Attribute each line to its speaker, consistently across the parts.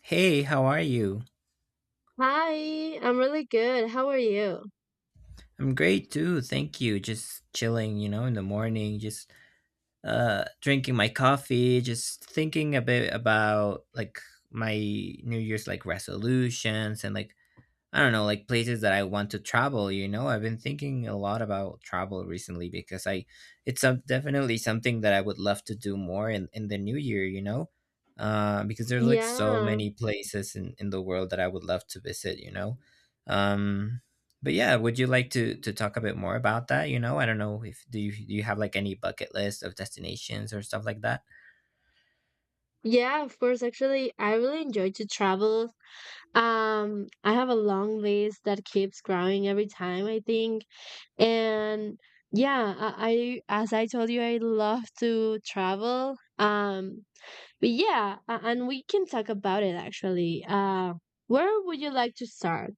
Speaker 1: Hey, how are you?
Speaker 2: Hi, I'm really good. How are you?
Speaker 1: I'm great too, thank you. Just chilling, you know, in the morning, just drinking my coffee, just thinking a bit about like my New Year's like resolutions and like I don't know, like places that I want to travel, you know? I've been thinking a lot about travel recently because I it's some definitely something that I would love to do more in the new year, you know? Because there's like so
Speaker 2: Yeah.
Speaker 1: many places in the world that I would love to visit, you know? Um, but yeah, would you like to talk a bit more about that, you know? I don't know if do you do you have like any bucket list of destinations or stuff like that?
Speaker 2: Yeah, of course. Actually, I really enjoy to travel. I have a long list that keeps growing every time, I think. And yeah, I as I told you, I love to travel. But yeah, and we can talk about it actually. Where would you like to start?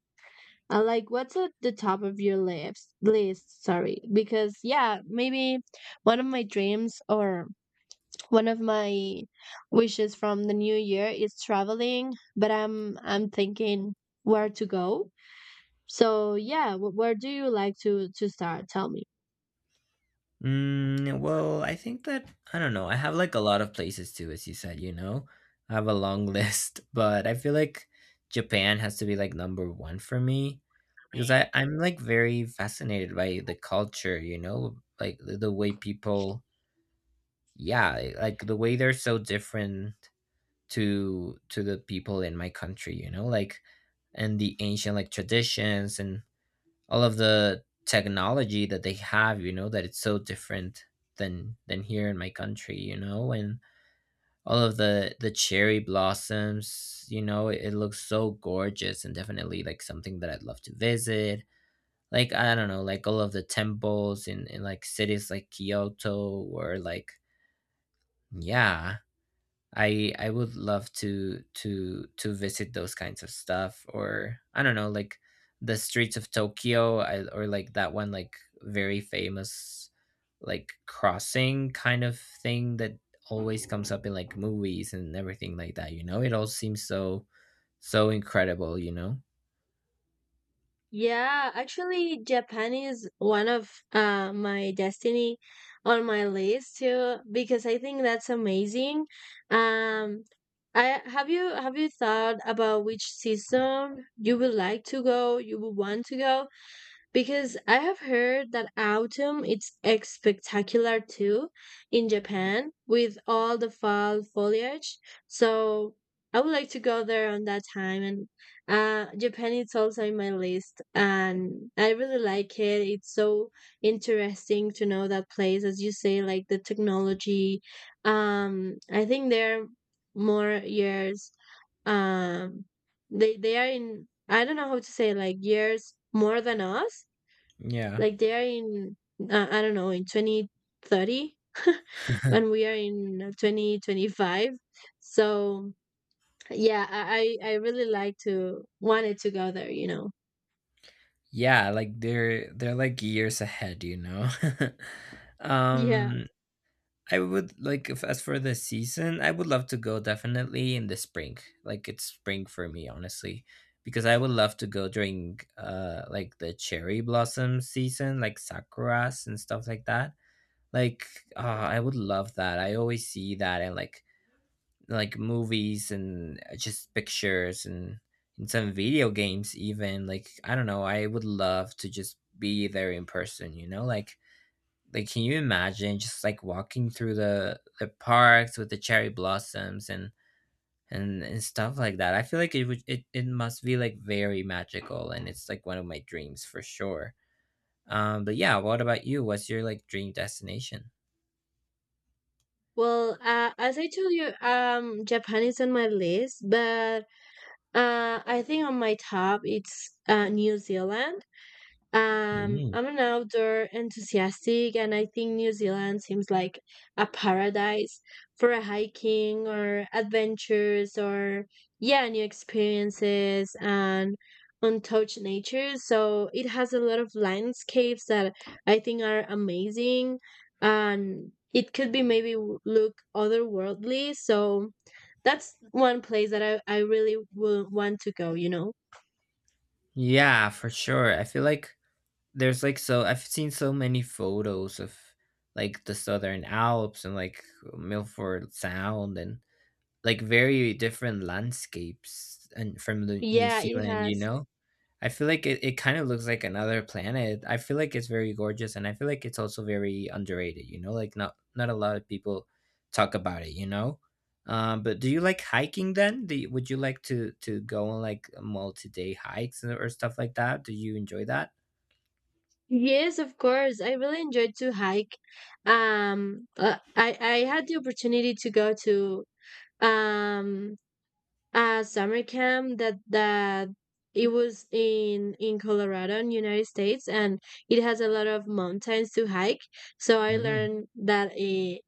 Speaker 2: Like, what's at the top of your list? List, sorry, because yeah, maybe one of my dreams or one of my wishes from the new year is traveling, but I'm thinking where to go. So yeah, where do you like to start? Tell me.
Speaker 1: Mm, well, I think that I don't know. I have like a lot of places too, as you said, you know. I have a long list, but I feel like Japan has to be like number one for me because I'm like very fascinated by the culture, you know, like the way people, yeah, like the way they're so different to the people in my country, you know, like and the ancient like traditions and all of the technology that they have, you know, that it's so different than here in my country, you know, and all of the cherry blossoms, you know, it looks so gorgeous and definitely like something that I'd love to visit. Like I don't know, like all of the temples in like cities like Kyoto or like yeah, I would love to visit those kinds of stuff. Or I don't know, like the streets of Tokyo, or like that one like very famous like crossing kind of thing that always comes up in like movies and everything like that, you know. It all seems so so incredible, you know.
Speaker 2: Yeah, actually, Japan is one of my destiny on my list too because I think that's amazing. Um, I have you thought about which season you would like to go, you would want to go? Because I have heard that autumn is spectacular too in Japan with all the fall foliage. So I would like to go there on that time. And Japan is also in my list, and I really like it. It's so interesting to know that place, as you say, like the technology. I think there are more years, um they are in, I don't know how to say, like years more than us,
Speaker 1: Yeah.
Speaker 2: like they are in, I don't know, in 2030 when we are in 2025. So yeah, I really like to, wanted to go there.
Speaker 1: Yeah, like they're like years ahead, you know.
Speaker 2: Yeah.
Speaker 1: um I would like if As for the season, I would love to go definitely in the spring. Like it's spring for me, honestly, because I would love to go during like the cherry blossom season, like sakuras and stuff like that. Like uh, I would love that. I always see that in like movies and just pictures and in some video games even. Like I don't know, I would love to just be there in person, you know? Like can you imagine just like walking through the parks with the cherry blossoms and and stuff like that? I feel like it must be like very magical and it's like one of my dreams for sure. But yeah, what about you? What's your like dream destination?
Speaker 2: Well, as I told you, Japan is on my list, but I think on my top it's New Zealand.
Speaker 1: Mm.
Speaker 2: I'm an outdoor enthusiastic, and I think New Zealand seems like a paradise for a hiking or adventures or yeah, new experiences and untouched nature. So it has a lot of landscapes that I think are amazing, and it could be maybe w- look otherworldly. So that's one place that I really would want to go. You know?
Speaker 1: Yeah, for sure. I feel like there's like so I've seen so many photos of like the Southern Alps and like Milford Sound and like very different landscapes and from the New
Speaker 2: Yeah, it
Speaker 1: Zealand, you
Speaker 2: has.
Speaker 1: know? I feel like it kind of looks like another planet. I feel like it's very gorgeous and I feel like it's also very underrated, you know? Like not a lot of people talk about it, you know? But do you like hiking then? Would you like to go on like multi-day hikes or stuff like that? Do you enjoy that?
Speaker 2: Yes, of course. I really enjoyed to hike. I had the opportunity to go to, um a summer camp that it was in Colorado, in United States, and it has a lot of mountains to hike. So I
Speaker 1: Mm,
Speaker 2: learned that I-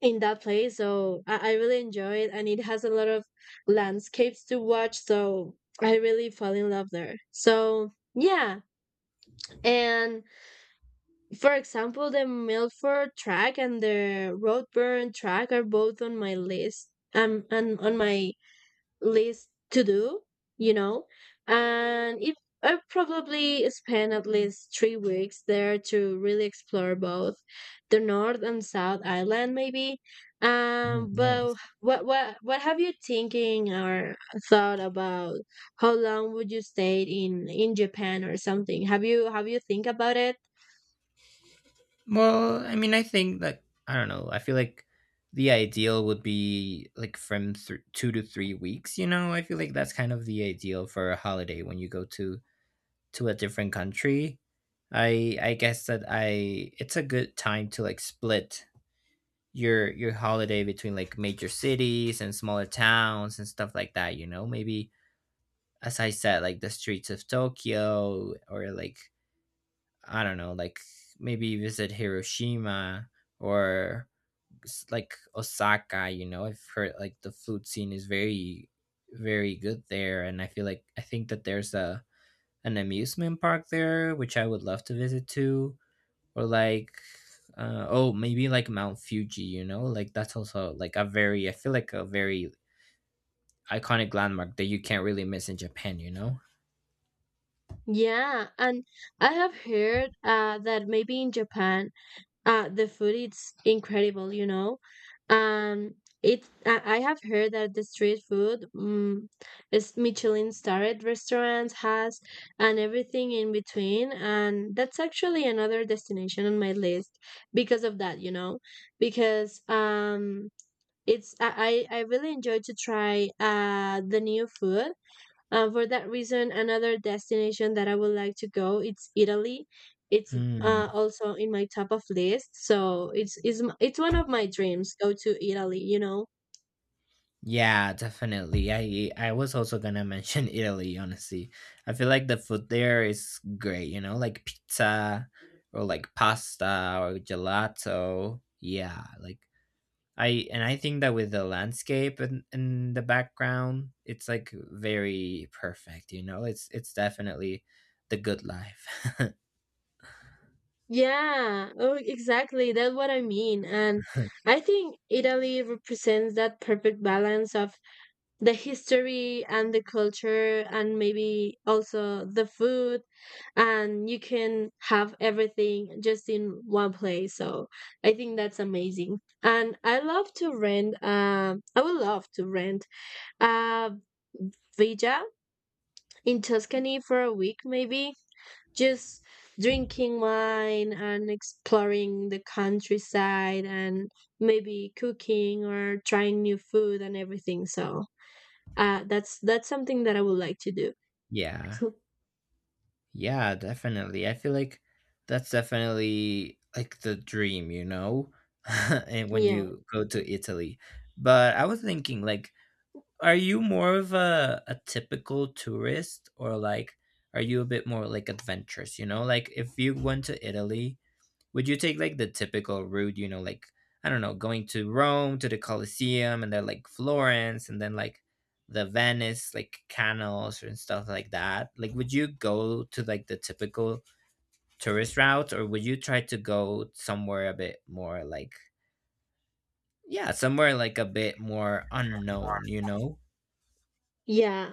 Speaker 2: in that place. So I really enjoy it, and it has a lot of landscapes to watch. So I really fall in love there. So yeah, and for example, the Milford track and the Roadburn track are both on my list. And on my list to do, you know, and it I probably spend at least 3 weeks there to really explore both the North and South Island, maybe.
Speaker 1: mm, nice.
Speaker 2: But what have you thinking or thought about? How long would you stay in Japan or something? Have you think about it?
Speaker 1: Well, I mean, I think like I don't know. I feel like the ideal would be like from 2 to 3 weeks. You know, I feel like that's kind of the ideal for a holiday when you go to a different country. I guess that I it's a good time to like split your holiday between like major cities and smaller towns and stuff like that. You know, maybe as I said, like the streets of Tokyo or like I don't know, like maybe visit Hiroshima or like Osaka, you know. I've heard like the food scene is very, very good there, and I feel like I think that there's a an amusement park there, which I would love to visit too. Or like, oh, maybe like Mount Fuji, you know, like that's also like a very, I feel like a very iconic landmark that you can't really miss in Japan, you know.
Speaker 2: Yeah, and I have heard that maybe in Japan, the food is incredible, you know. Um, it I have heard that the street food, is Michelin starred restaurants has and everything in between, and that's actually another destination on my list because of that, because it's I really enjoy to try the new food. For that reason, another destination that I would like to go it's Italy. It's
Speaker 1: Hmm.
Speaker 2: also in my top of list, so it's one of my dreams go to Italy. You know.
Speaker 1: Yeah, definitely. I was also gonna mention Italy, honestly. I feel like the food there is great, you know, like pizza or like pasta or gelato. Yeah, like I and I think that with the landscape and in the background, it's like very perfect, you know. It's definitely the good life.
Speaker 2: Yeah, oh, exactly. That's what I mean. And I think Italy represents that perfect balance of the history and the culture and maybe also the food, and you can have everything just in one place. So I think that's amazing, and I would love to rent a villa in Tuscany for a week, maybe just drinking wine and exploring the countryside and maybe cooking or trying new food and everything. So that's something that I would like to do.
Speaker 1: Yeah.
Speaker 2: So,
Speaker 1: Yeah, definitely. I feel like that's definitely like the dream, you know? And when
Speaker 2: yeah,
Speaker 1: you go to Italy. But I was thinking, like, are you more of a typical tourist or like are you a bit more like adventurous, you know? Like if you went to Italy, would you take like the typical route, you know, like I don't know, going to Rome to the Colosseum and then like Florence and then like the Venice, like canals and stuff like that? Like would you go to like the typical tourist route or would you try to go somewhere a bit more like yeah, somewhere like a bit more unknown, you know?
Speaker 2: yeah.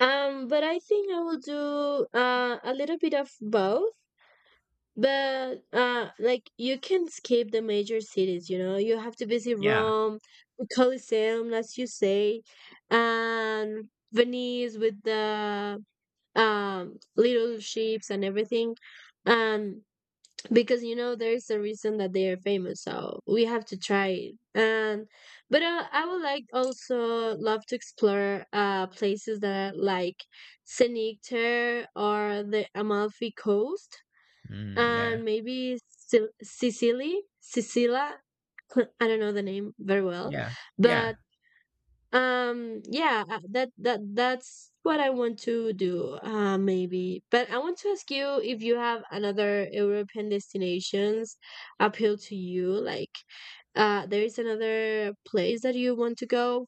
Speaker 2: But I think I will do a little bit of both. But like you can skip the major cities. You know, you have to visit
Speaker 1: Yeah.
Speaker 2: Rome, the Colosseum, as you say, and Venice with the little ships and everything. And because you know there's a reason that they are famous, so we have to try it. And but I would like also love to explore places that are like Senecter or the Amalfi coast
Speaker 1: Mm, yeah.
Speaker 2: and maybe Sicily, Sicilia. I don't know the name very well,
Speaker 1: Yeah. Yeah.
Speaker 2: but yeah, that's what I want to do, maybe. But I want to ask you if you have another European destinations appeal to you, like there is another place that you want to go.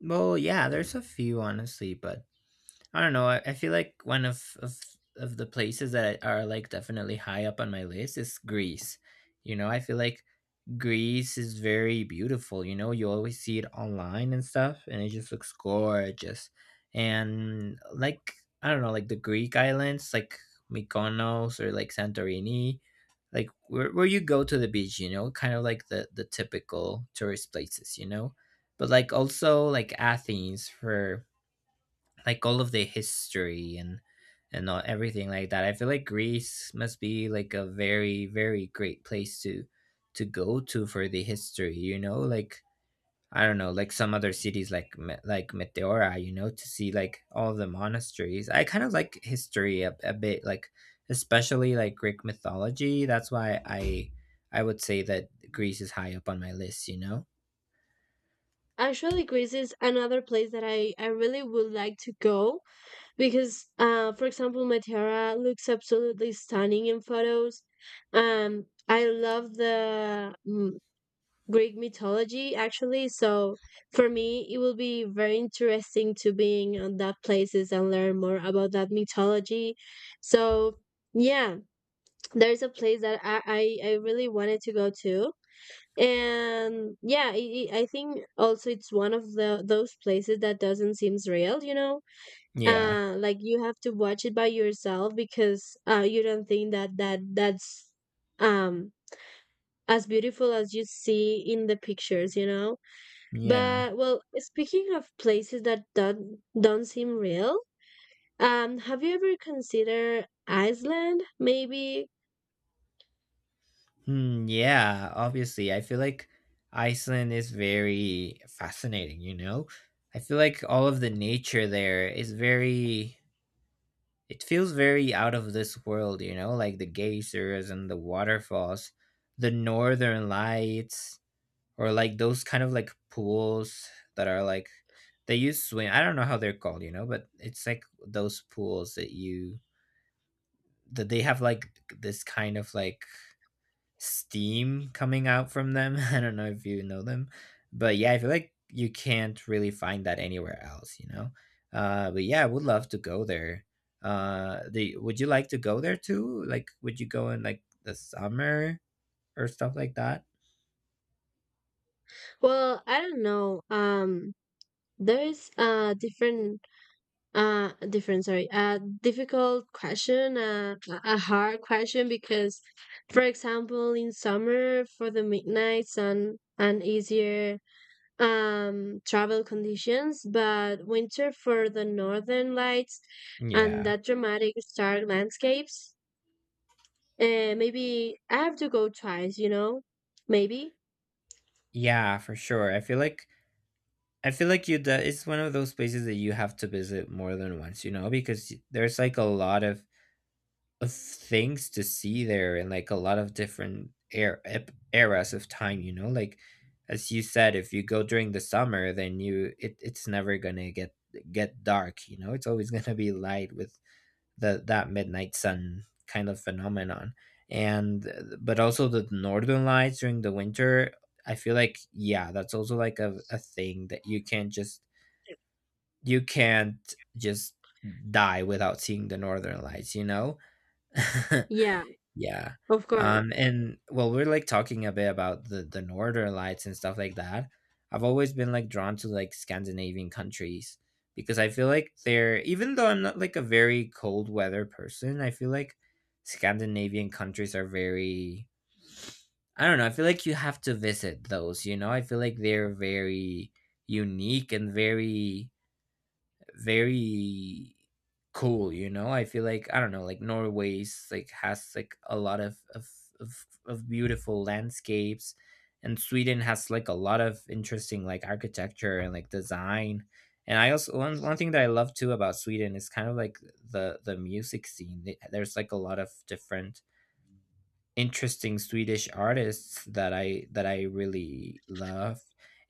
Speaker 1: Well, yeah, there's a few honestly, but I don't know. I feel like one of the places that are like definitely high up on my list is Greece. You know, I feel like Greece is very beautiful. You know, you always see it online and stuff, and it just looks gorgeous. And like I don't know, like the Greek islands, like Mykonos or like Santorini, like where you go to the beach, you know, kind of like the typical tourist places, you know. But like also like Athens for like all of the history and all, everything like that. I feel like Greece must be like a very very great place to go to for the history. You know, like I don't know, like some other cities like Meteora. You know, to see like all the monasteries. I kind of like history a bit, like especially like Greek mythology. That's why I would say that Greece is high up on my list. You know.
Speaker 2: Actually, Greece is another place that I really would like to go because, for example, Matera looks absolutely stunning in photos. I love the Greek mythology actually. So for me, it will be very interesting to being on that places and learn more about that mythology. So yeah, there's a place that I really wanted to go to. And yeah, I think also it's one of the those places that doesn't seems real.
Speaker 1: Yeah.
Speaker 2: Like you have to watch it by yourself because you don't think that's um as beautiful as you see in the pictures.
Speaker 1: Yeah.
Speaker 2: But well, speaking of places that don't seem real, have you ever considered Iceland? Maybe.
Speaker 1: Hmm, yeah, obviously. I feel like Iceland is very fascinating, you know? I feel like all of the nature there is very, it feels very out of this world, you know? Like the geysers and the waterfalls, the northern lights, or like those kind of like pools that are like, they use swim. I don't know how they're called, you know, but it's like those pools that you, that they have like this kind of like steam coming out from them. I don't know if you know them, but yeah, I feel like you can't really find that anywhere else, you know. But yeah, I would love to go there. Would you like to go there too? Like, would you go in like the summer or stuff like that?
Speaker 2: Well, I don't know. There's a different, different. Sorry, a difficult question, a hard question because, for example, in summer for the midnight sun, an easier travel conditions, but winter for the northern lights and
Speaker 1: Yeah.
Speaker 2: that dramatic stark landscapes. Maybe I have to go twice, maybe.
Speaker 1: Yeah, for sure. I feel like you that it's one of those places that you have to visit more than once, you know, because there's like a lot of things to see there and like a lot of different eras of time, you know, like as you said, if you go during the summer, then you it's never gonna get dark, you know, it's always gonna be light with that midnight sun kind of phenomenon and but also the northern lights during the winter. I feel like yeah, that's also like a thing that you can't just you can't just die without seeing the northern lights, you know.
Speaker 2: Yeah,
Speaker 1: Yeah.
Speaker 2: of course.
Speaker 1: And well, we're like talking a bit about the northern lights and stuff like that. I've always been like drawn to like Scandinavian countries because I feel like they're even though I'm not like a very cold weather person, I feel like Scandinavian countries are very I don't know, I feel like you have to visit those, you know? I feel like they're very unique and very very cool, you know. I feel like I don't know, like Norway's like has like a lot of beautiful landscapes and Sweden has like a lot of interesting like architecture and like design. And I also one thing that I love too about Sweden is kind of like the music scene. There's like a lot of different interesting Swedish artists that I really love.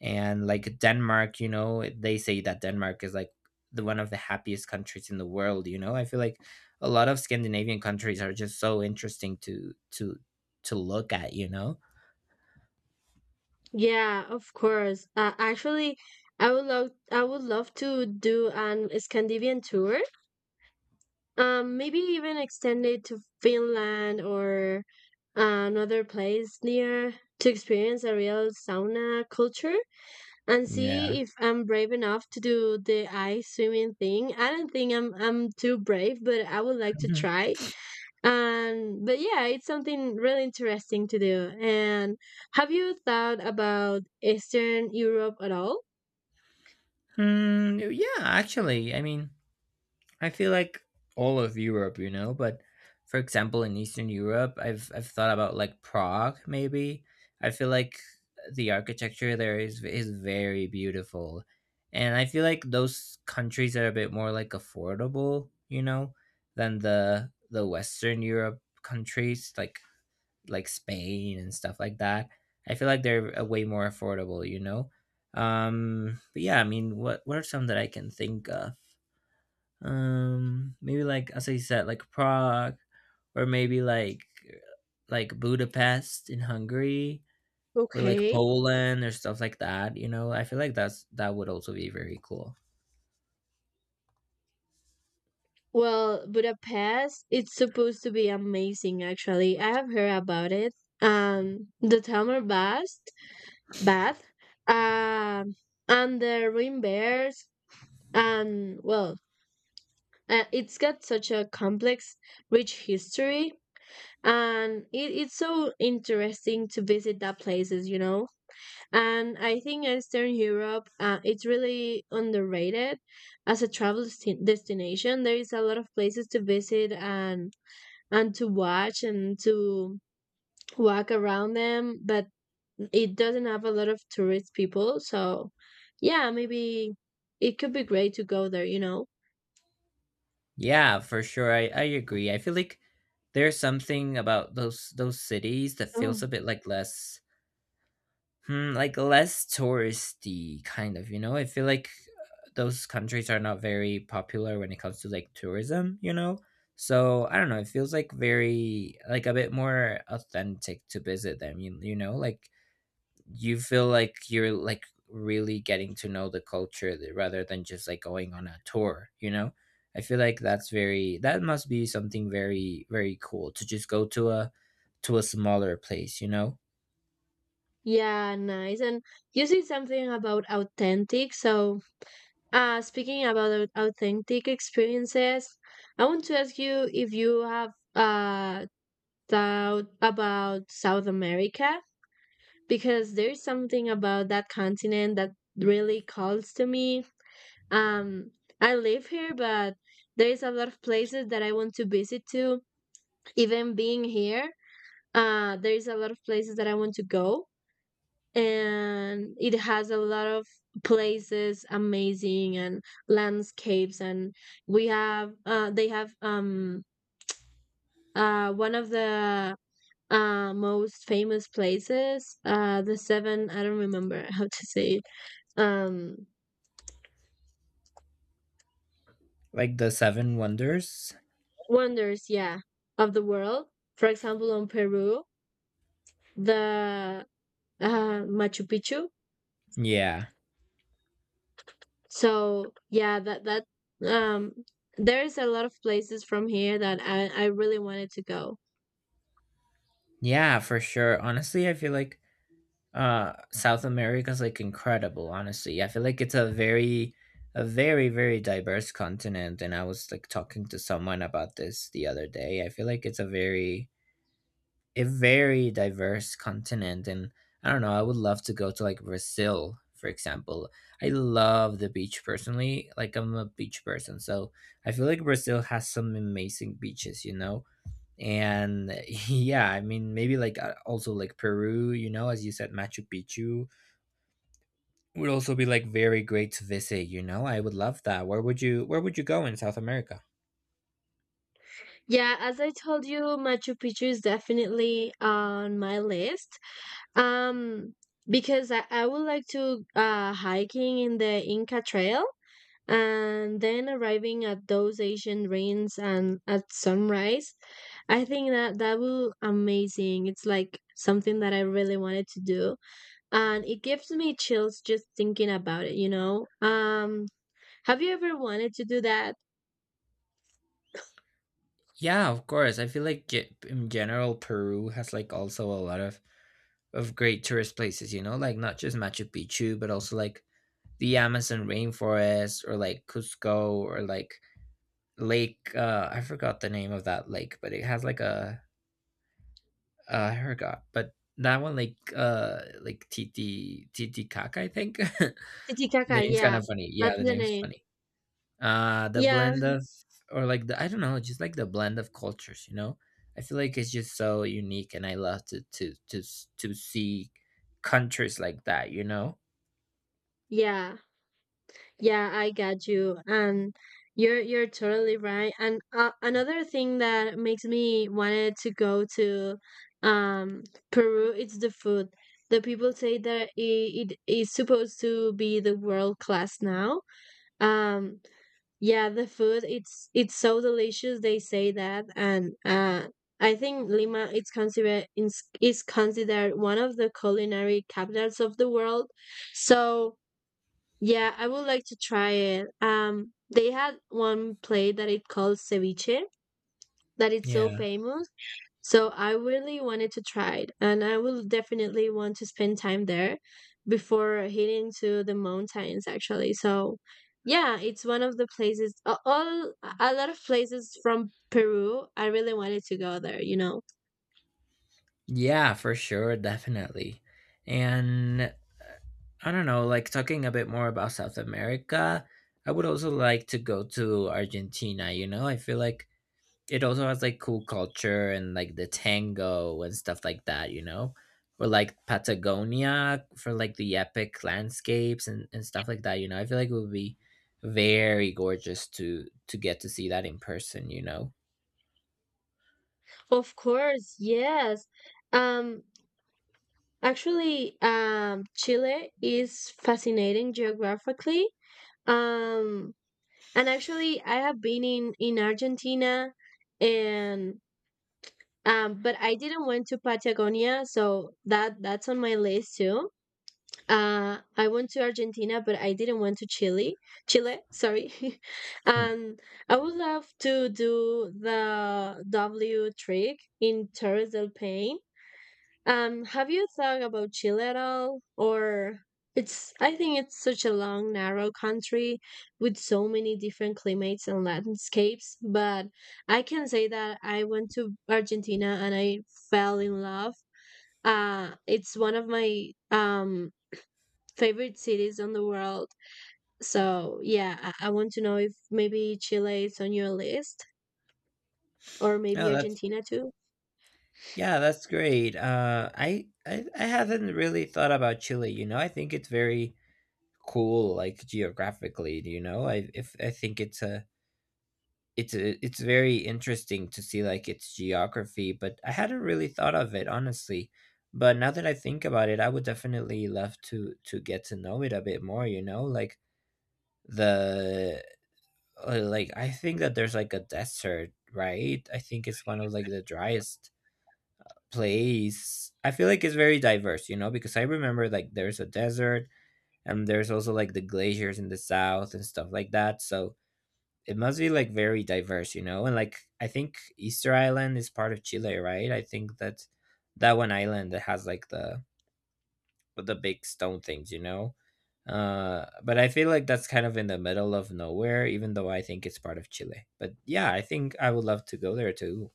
Speaker 1: And like Denmark, you know, they say that Denmark is like the one of the happiest countries in the world, you know. I feel like a lot of Scandinavian countries are just so interesting to to look at, you know.
Speaker 2: Yeah, of course. Actually, I would love to do an Scandinavian tour, maybe even extend it to Finland or another place near, to experience a real sauna culture and
Speaker 1: Yeah.
Speaker 2: see if I'm brave enough to do the ice swimming thing. I don't think I'm too brave, but I would like to
Speaker 1: Mhm.
Speaker 2: try. And but yeah, it's something really interesting to do. And have you thought about Eastern Europe at all?
Speaker 1: Mm, yeah, actually. I mean, I feel like all of Europe, you know, but for example, in Eastern Europe, I've thought about like Prague maybe. I feel like the architecture there is very beautiful. And I feel like those countries are a bit more like affordable, you know, than the Western Europe countries like Spain and stuff like that. I feel like they're way more affordable, you know. But yeah, I mean, what are some that I can think of? Um, maybe like as I said, like Prague, or maybe like Budapest in Hungary, or like
Speaker 2: Okay.
Speaker 1: Poland or stuff like that, you know? I feel like that's that would also be very cool.
Speaker 2: Well, Budapest, it's supposed to be amazing actually. I have heard about it. The thermal bath. Um and the rain bears and well. It's got such a complex, rich history, and it's so interesting to visit that places, you know. And I think Eastern Europe, it's really underrated as a travel destination. There is a lot of places to visit and to watch and to walk around them, but it doesn't have a lot of tourist people. So, yeah, maybe it could be great to go there, you know.
Speaker 1: Yeah, for sure, I agree. I feel like there's something about those cities that feels a bit like less like less touristy kind of, you know? I feel like those countries are not very popular when it comes to like tourism, you know? So I don't know, it feels like very like a bit more authentic to visit them, you know? Like you feel like you're like really getting to know the culture rather than just like going on a tour, you know? I feel like that's very that must be something very very cool to just go to a smaller place, you know?
Speaker 2: Yeah, nice. And you said something about authentic. So, speaking about authentic experiences, I want to ask you if you have uh thought about South America, because there's something about that continent that really calls to me. Um, I live here, but there's a lot of places that I want to visit to. Even being here, there's a lot of places that I want to go, and it has a lot of places amazing and landscapes, and we have they have one of the most famous places, the seven, I don't remember how to say it, um
Speaker 1: Like the Seven Wonders.
Speaker 2: wonders, yeah, of the world. For example, on Peru, the Machu Picchu.
Speaker 1: Yeah.
Speaker 2: So yeah, that um there's a lot of places from here that I really wanted to go.
Speaker 1: Yeah, for sure. Honestly, I feel like uh, South America's like incredible, honestly. I feel like it's a very very diverse continent, and I was like talking to someone about this the other day. I feel like it's a very diverse continent. And I don't know, I would love to go to like Brazil, for example. I love the beach personally. Like I'm a beach person, so I feel like Brazil has some amazing beaches, you know? And yeah, I mean, maybe like also like Peru, you know, as you said, Machu Picchu would also be like very great to visit, you know. I would love that. Where would you where would you go in South America?
Speaker 2: Yeah, as I told you, Machu Picchu is definitely on my list. Um, because I would like to hiking in the Inca Trail and then arriving at those Asian ruins and at sunrise. I think that that will amazing. It's like something that I really wanted to do, and it gives me chills just thinking about it. Have you ever wanted to do that?
Speaker 1: Yeah, of course. I feel like in general, Peru has like also a lot of great tourist places, you know, like not just Machu Picchu but also like the Amazon rainforest, or like Cusco, or like lake I forgot the name of that lake, but it has like a uh, I forgot, but that one like uh, like Titicaca, I think. The
Speaker 2: Titicaca,
Speaker 1: name's kind
Speaker 2: yeah,
Speaker 1: of funny. Yeah,
Speaker 2: that's
Speaker 1: the
Speaker 2: the
Speaker 1: name's
Speaker 2: name.
Speaker 1: funny. Uh, the
Speaker 2: Yeah,
Speaker 1: blend of or like the I don't know, just like the blend of cultures, you know? I feel like it's just so unique, and I love to to see countries like that, you know?
Speaker 2: yeah. Yeah, I got you. And you're totally right. And another thing that makes me wanted to go to, um Peru, it's the food. The people say that it is supposed to be the world class now. Um yeah, the food it's so delicious they say that, and I think Lima it's considered is considered one of the culinary capitals of the world. So yeah, I would like to try it. They had one play that it called ceviche that it's so
Speaker 1: Yeah.
Speaker 2: famous. So I really wanted to try it, and I will definitely want to spend time there before heading to the mountains. Actually, so yeah, it's one of the places. All a lot of places from Peru. I really wanted to go there. You know,
Speaker 1: Yeah, for sure, definitely. And I don't know, like talking a bit more about South America, I would also like to go to Argentina, you know? I feel like it also has like cool culture and like the tango and stuff like that, you know? Or like Patagonia for like the epic landscapes and stuff like that, you know? I feel like it would be very gorgeous to get to see that in person, you know?
Speaker 2: of course, yes. Um, Actually, Chile is fascinating geographically. Um, and actually, I have been in Argentina, and but I didn't went to Patagonia, so that's on my list too. I went to Argentina, but I didn't went to Chile. Chile, sorry.
Speaker 1: Hmm.
Speaker 2: And I would love to do the W trick in Torres del Paine. Have you thought about Chile at all? Or it's I think it's such a long, narrow country with so many different climates and landscapes, but I can say that I went to Argentina and I fell in love. It's one of my favorite cities on the world. So yeah, I want to know if maybe Chile is on your list or
Speaker 1: Yeah,
Speaker 2: maybe
Speaker 1: that's
Speaker 2: Argentina too.
Speaker 1: Yeah, that's great. I, I haven't really thought about Chile. You know, I think it's very cool, like geographically. You know, I if I think it's a it's a, it's very interesting to see like its geography, but I hadn't really thought of it honestly. But now that I think about it, I would definitely love to get to know it a bit more. You know, like the like I think that there's like a desert, right? I think it's one of like the driest place. I feel like it's very diverse, you know, because I remember like there's a desert and there's also like the glaciers in the south and stuff like that. So it must be like very diverse, you know. And like, I think Easter Island is part of Chile, right? I think that that one island that has like the with the big stone things, you know. But I feel like that's kind of in the middle of nowhere, even though I think it's part of Chile. But yeah, I think I would love to go there too.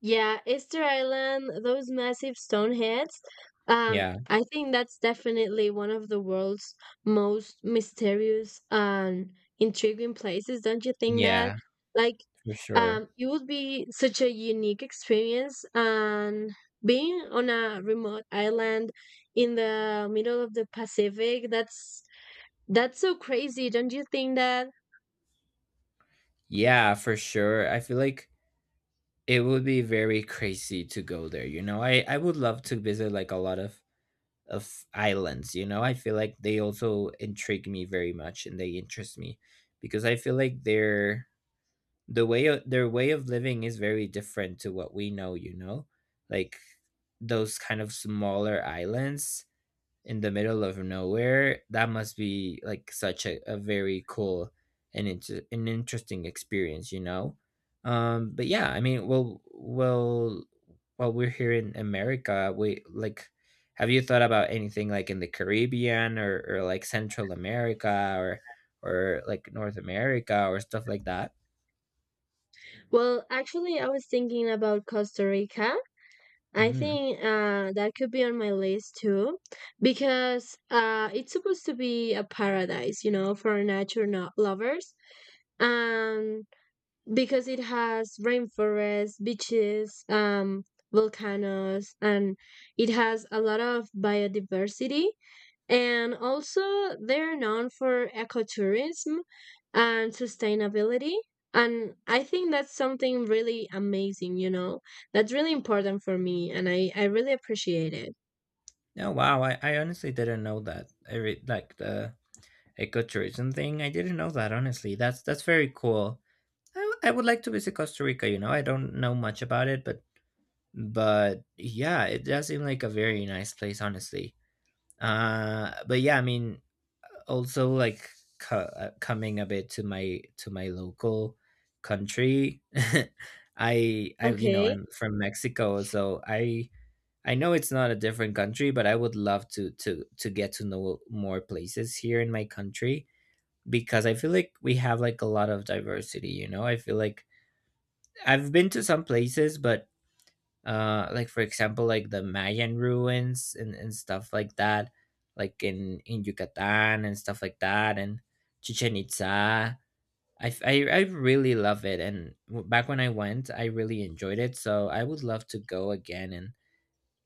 Speaker 2: Yeah, Easter Island, those massive stone heads.
Speaker 1: yeah
Speaker 2: I think that's definitely one of the world's most mysterious and intriguing places, don't you think that?
Speaker 1: yeah
Speaker 2: Like,
Speaker 1: for sure.
Speaker 2: it would be such a unique experience, and being on a remote island in the middle of the Pacific, that's so crazy, don't you think that?
Speaker 1: Yeah, for sure. I feel like it would be very crazy to go there. You know, I would love to visit like a lot of islands. You know, I feel like they also intrigue me very much, and they interest me because I feel like their the their way of living is very different to what we know. You know, like those kind of smaller islands in the middle of nowhere, that must be like such a very cool and an interesting experience, you know. But yeah, I mean, well, while we're here in America, we like, have you thought about anything like in the Caribbean, or like Central America, or like North America or stuff like that?
Speaker 2: Well, actually, I was thinking about Costa Rica. I
Speaker 1: Mm.
Speaker 2: think that could be on my list too, because it's supposed to be a paradise, you know, for nature lovers. Um, because it has rainforests, beaches, volcanoes, and it has a lot of biodiversity. And also, they're known for ecotourism and sustainability. And I think that's something really amazing, you know, that's really important for me. And I really appreciate it.
Speaker 1: Oh wow, I honestly didn't know that. Like the ecotourism thing. I didn't know that, honestly. That's very cool. I would like to visit Costa Rica. You know, I don't know much about it, but yeah, it does seem like a very nice place, honestly. But yeah, I mean, also like coming a bit to my local country. I you know,
Speaker 2: Okay.
Speaker 1: I'm from Mexico, so I know it's not a different country, but I would love to get to know more places here in my country because I feel like we have like a lot of diversity. You know, I feel like I've been to some places, but like for example, like the Mayan ruins and stuff like that, like in Yucatan and stuff like that, and Chichen Itza. I, I really love it, and back when I went, I really enjoyed it. So I would love to go again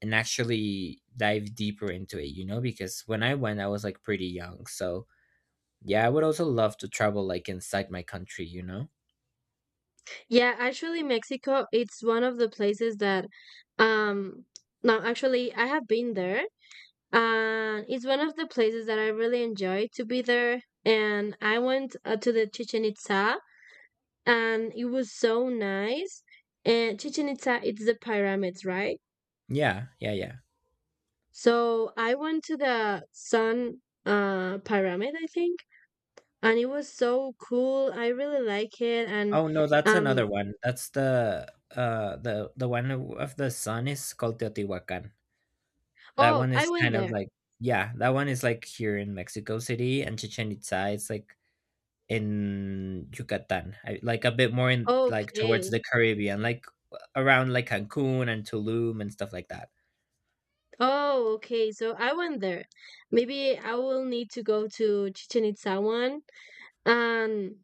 Speaker 1: and actually dive deeper into it, you know, because when I went, I was like pretty young. So yeah, I would also love to travel like inside my country, you know.
Speaker 2: Yeah, actually, Mexico, it's one of the places that, um, no, actually, I have been there, and it's one of the places that I really enjoy to be there. And I went to the Chichen Itza, and it was so nice. And Chichen Itza, it's the pyramids, right?
Speaker 1: Yeah, yeah, yeah.
Speaker 2: So I went to the Sun pyramid, I think, and it was so cool. I really like it, and
Speaker 1: Oh no, that's
Speaker 2: um,
Speaker 1: another one. That's the one of the sun is called Teotihuacan. That
Speaker 2: oh,
Speaker 1: one
Speaker 2: I
Speaker 1: is
Speaker 2: went
Speaker 1: kind of
Speaker 2: there.
Speaker 1: like yeah, that one is like here in Mexico City, and Chichen Itza is like in Yucatan. I, like a bit more in like towards
Speaker 2: Okay.
Speaker 1: the Caribbean, like around like Cancun and Tulum and stuff like that.
Speaker 2: Oh, okay. So I went there. Maybe I will need to go to Chichen Itza one. And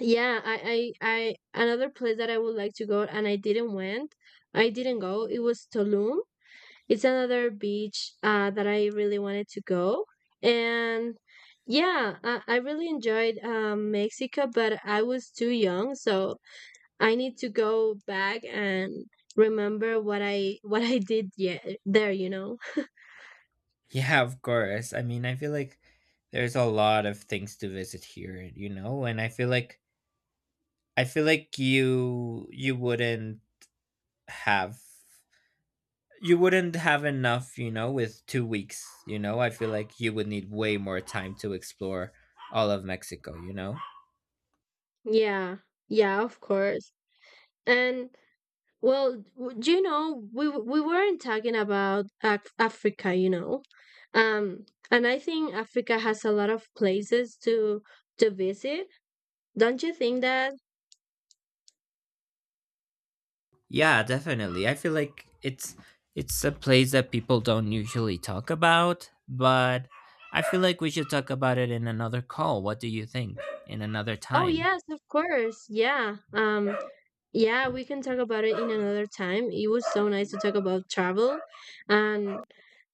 Speaker 2: yeah, another place that I would like to go and I didn't went. I didn't go. It was Tulum. It's another beach that I really wanted to go. And yeah, I really enjoyed Mexico, but I was too young, so I need to go back and remember what I did yet there, you know.
Speaker 1: Yeah, of course. I mean, I feel like there's a lot of things to visit here, you know, and I feel like you wouldn't have you wouldn't have enough, you know, with 2 weeks. You know, I feel like you would need way more time to explore all of Mexico, you know?
Speaker 2: Yeah, yeah, of course. And well, do you know we we weren't talking about Africa, you know, um, and I think Africa has a lot of places to visit. Don't you think that?
Speaker 1: Yeah, definitely. I feel like it's a place that people don't usually talk about, but I feel like we should talk about it in another call. What do you think? In another
Speaker 2: Oh
Speaker 1: time.
Speaker 2: yes, of course. Yeah. Yeah, we can talk about it in another time. It was so nice to talk about travel, and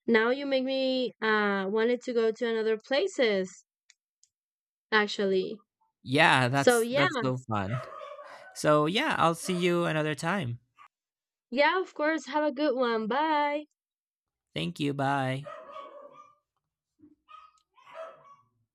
Speaker 2: now you make me wanted to go to another places actually.
Speaker 1: Yeah,
Speaker 2: So yeah.
Speaker 1: that's so fun. So yeah, I'll see you another time.
Speaker 2: Yeah, of course. Have a good one. Bye.
Speaker 1: Thank you. Bye.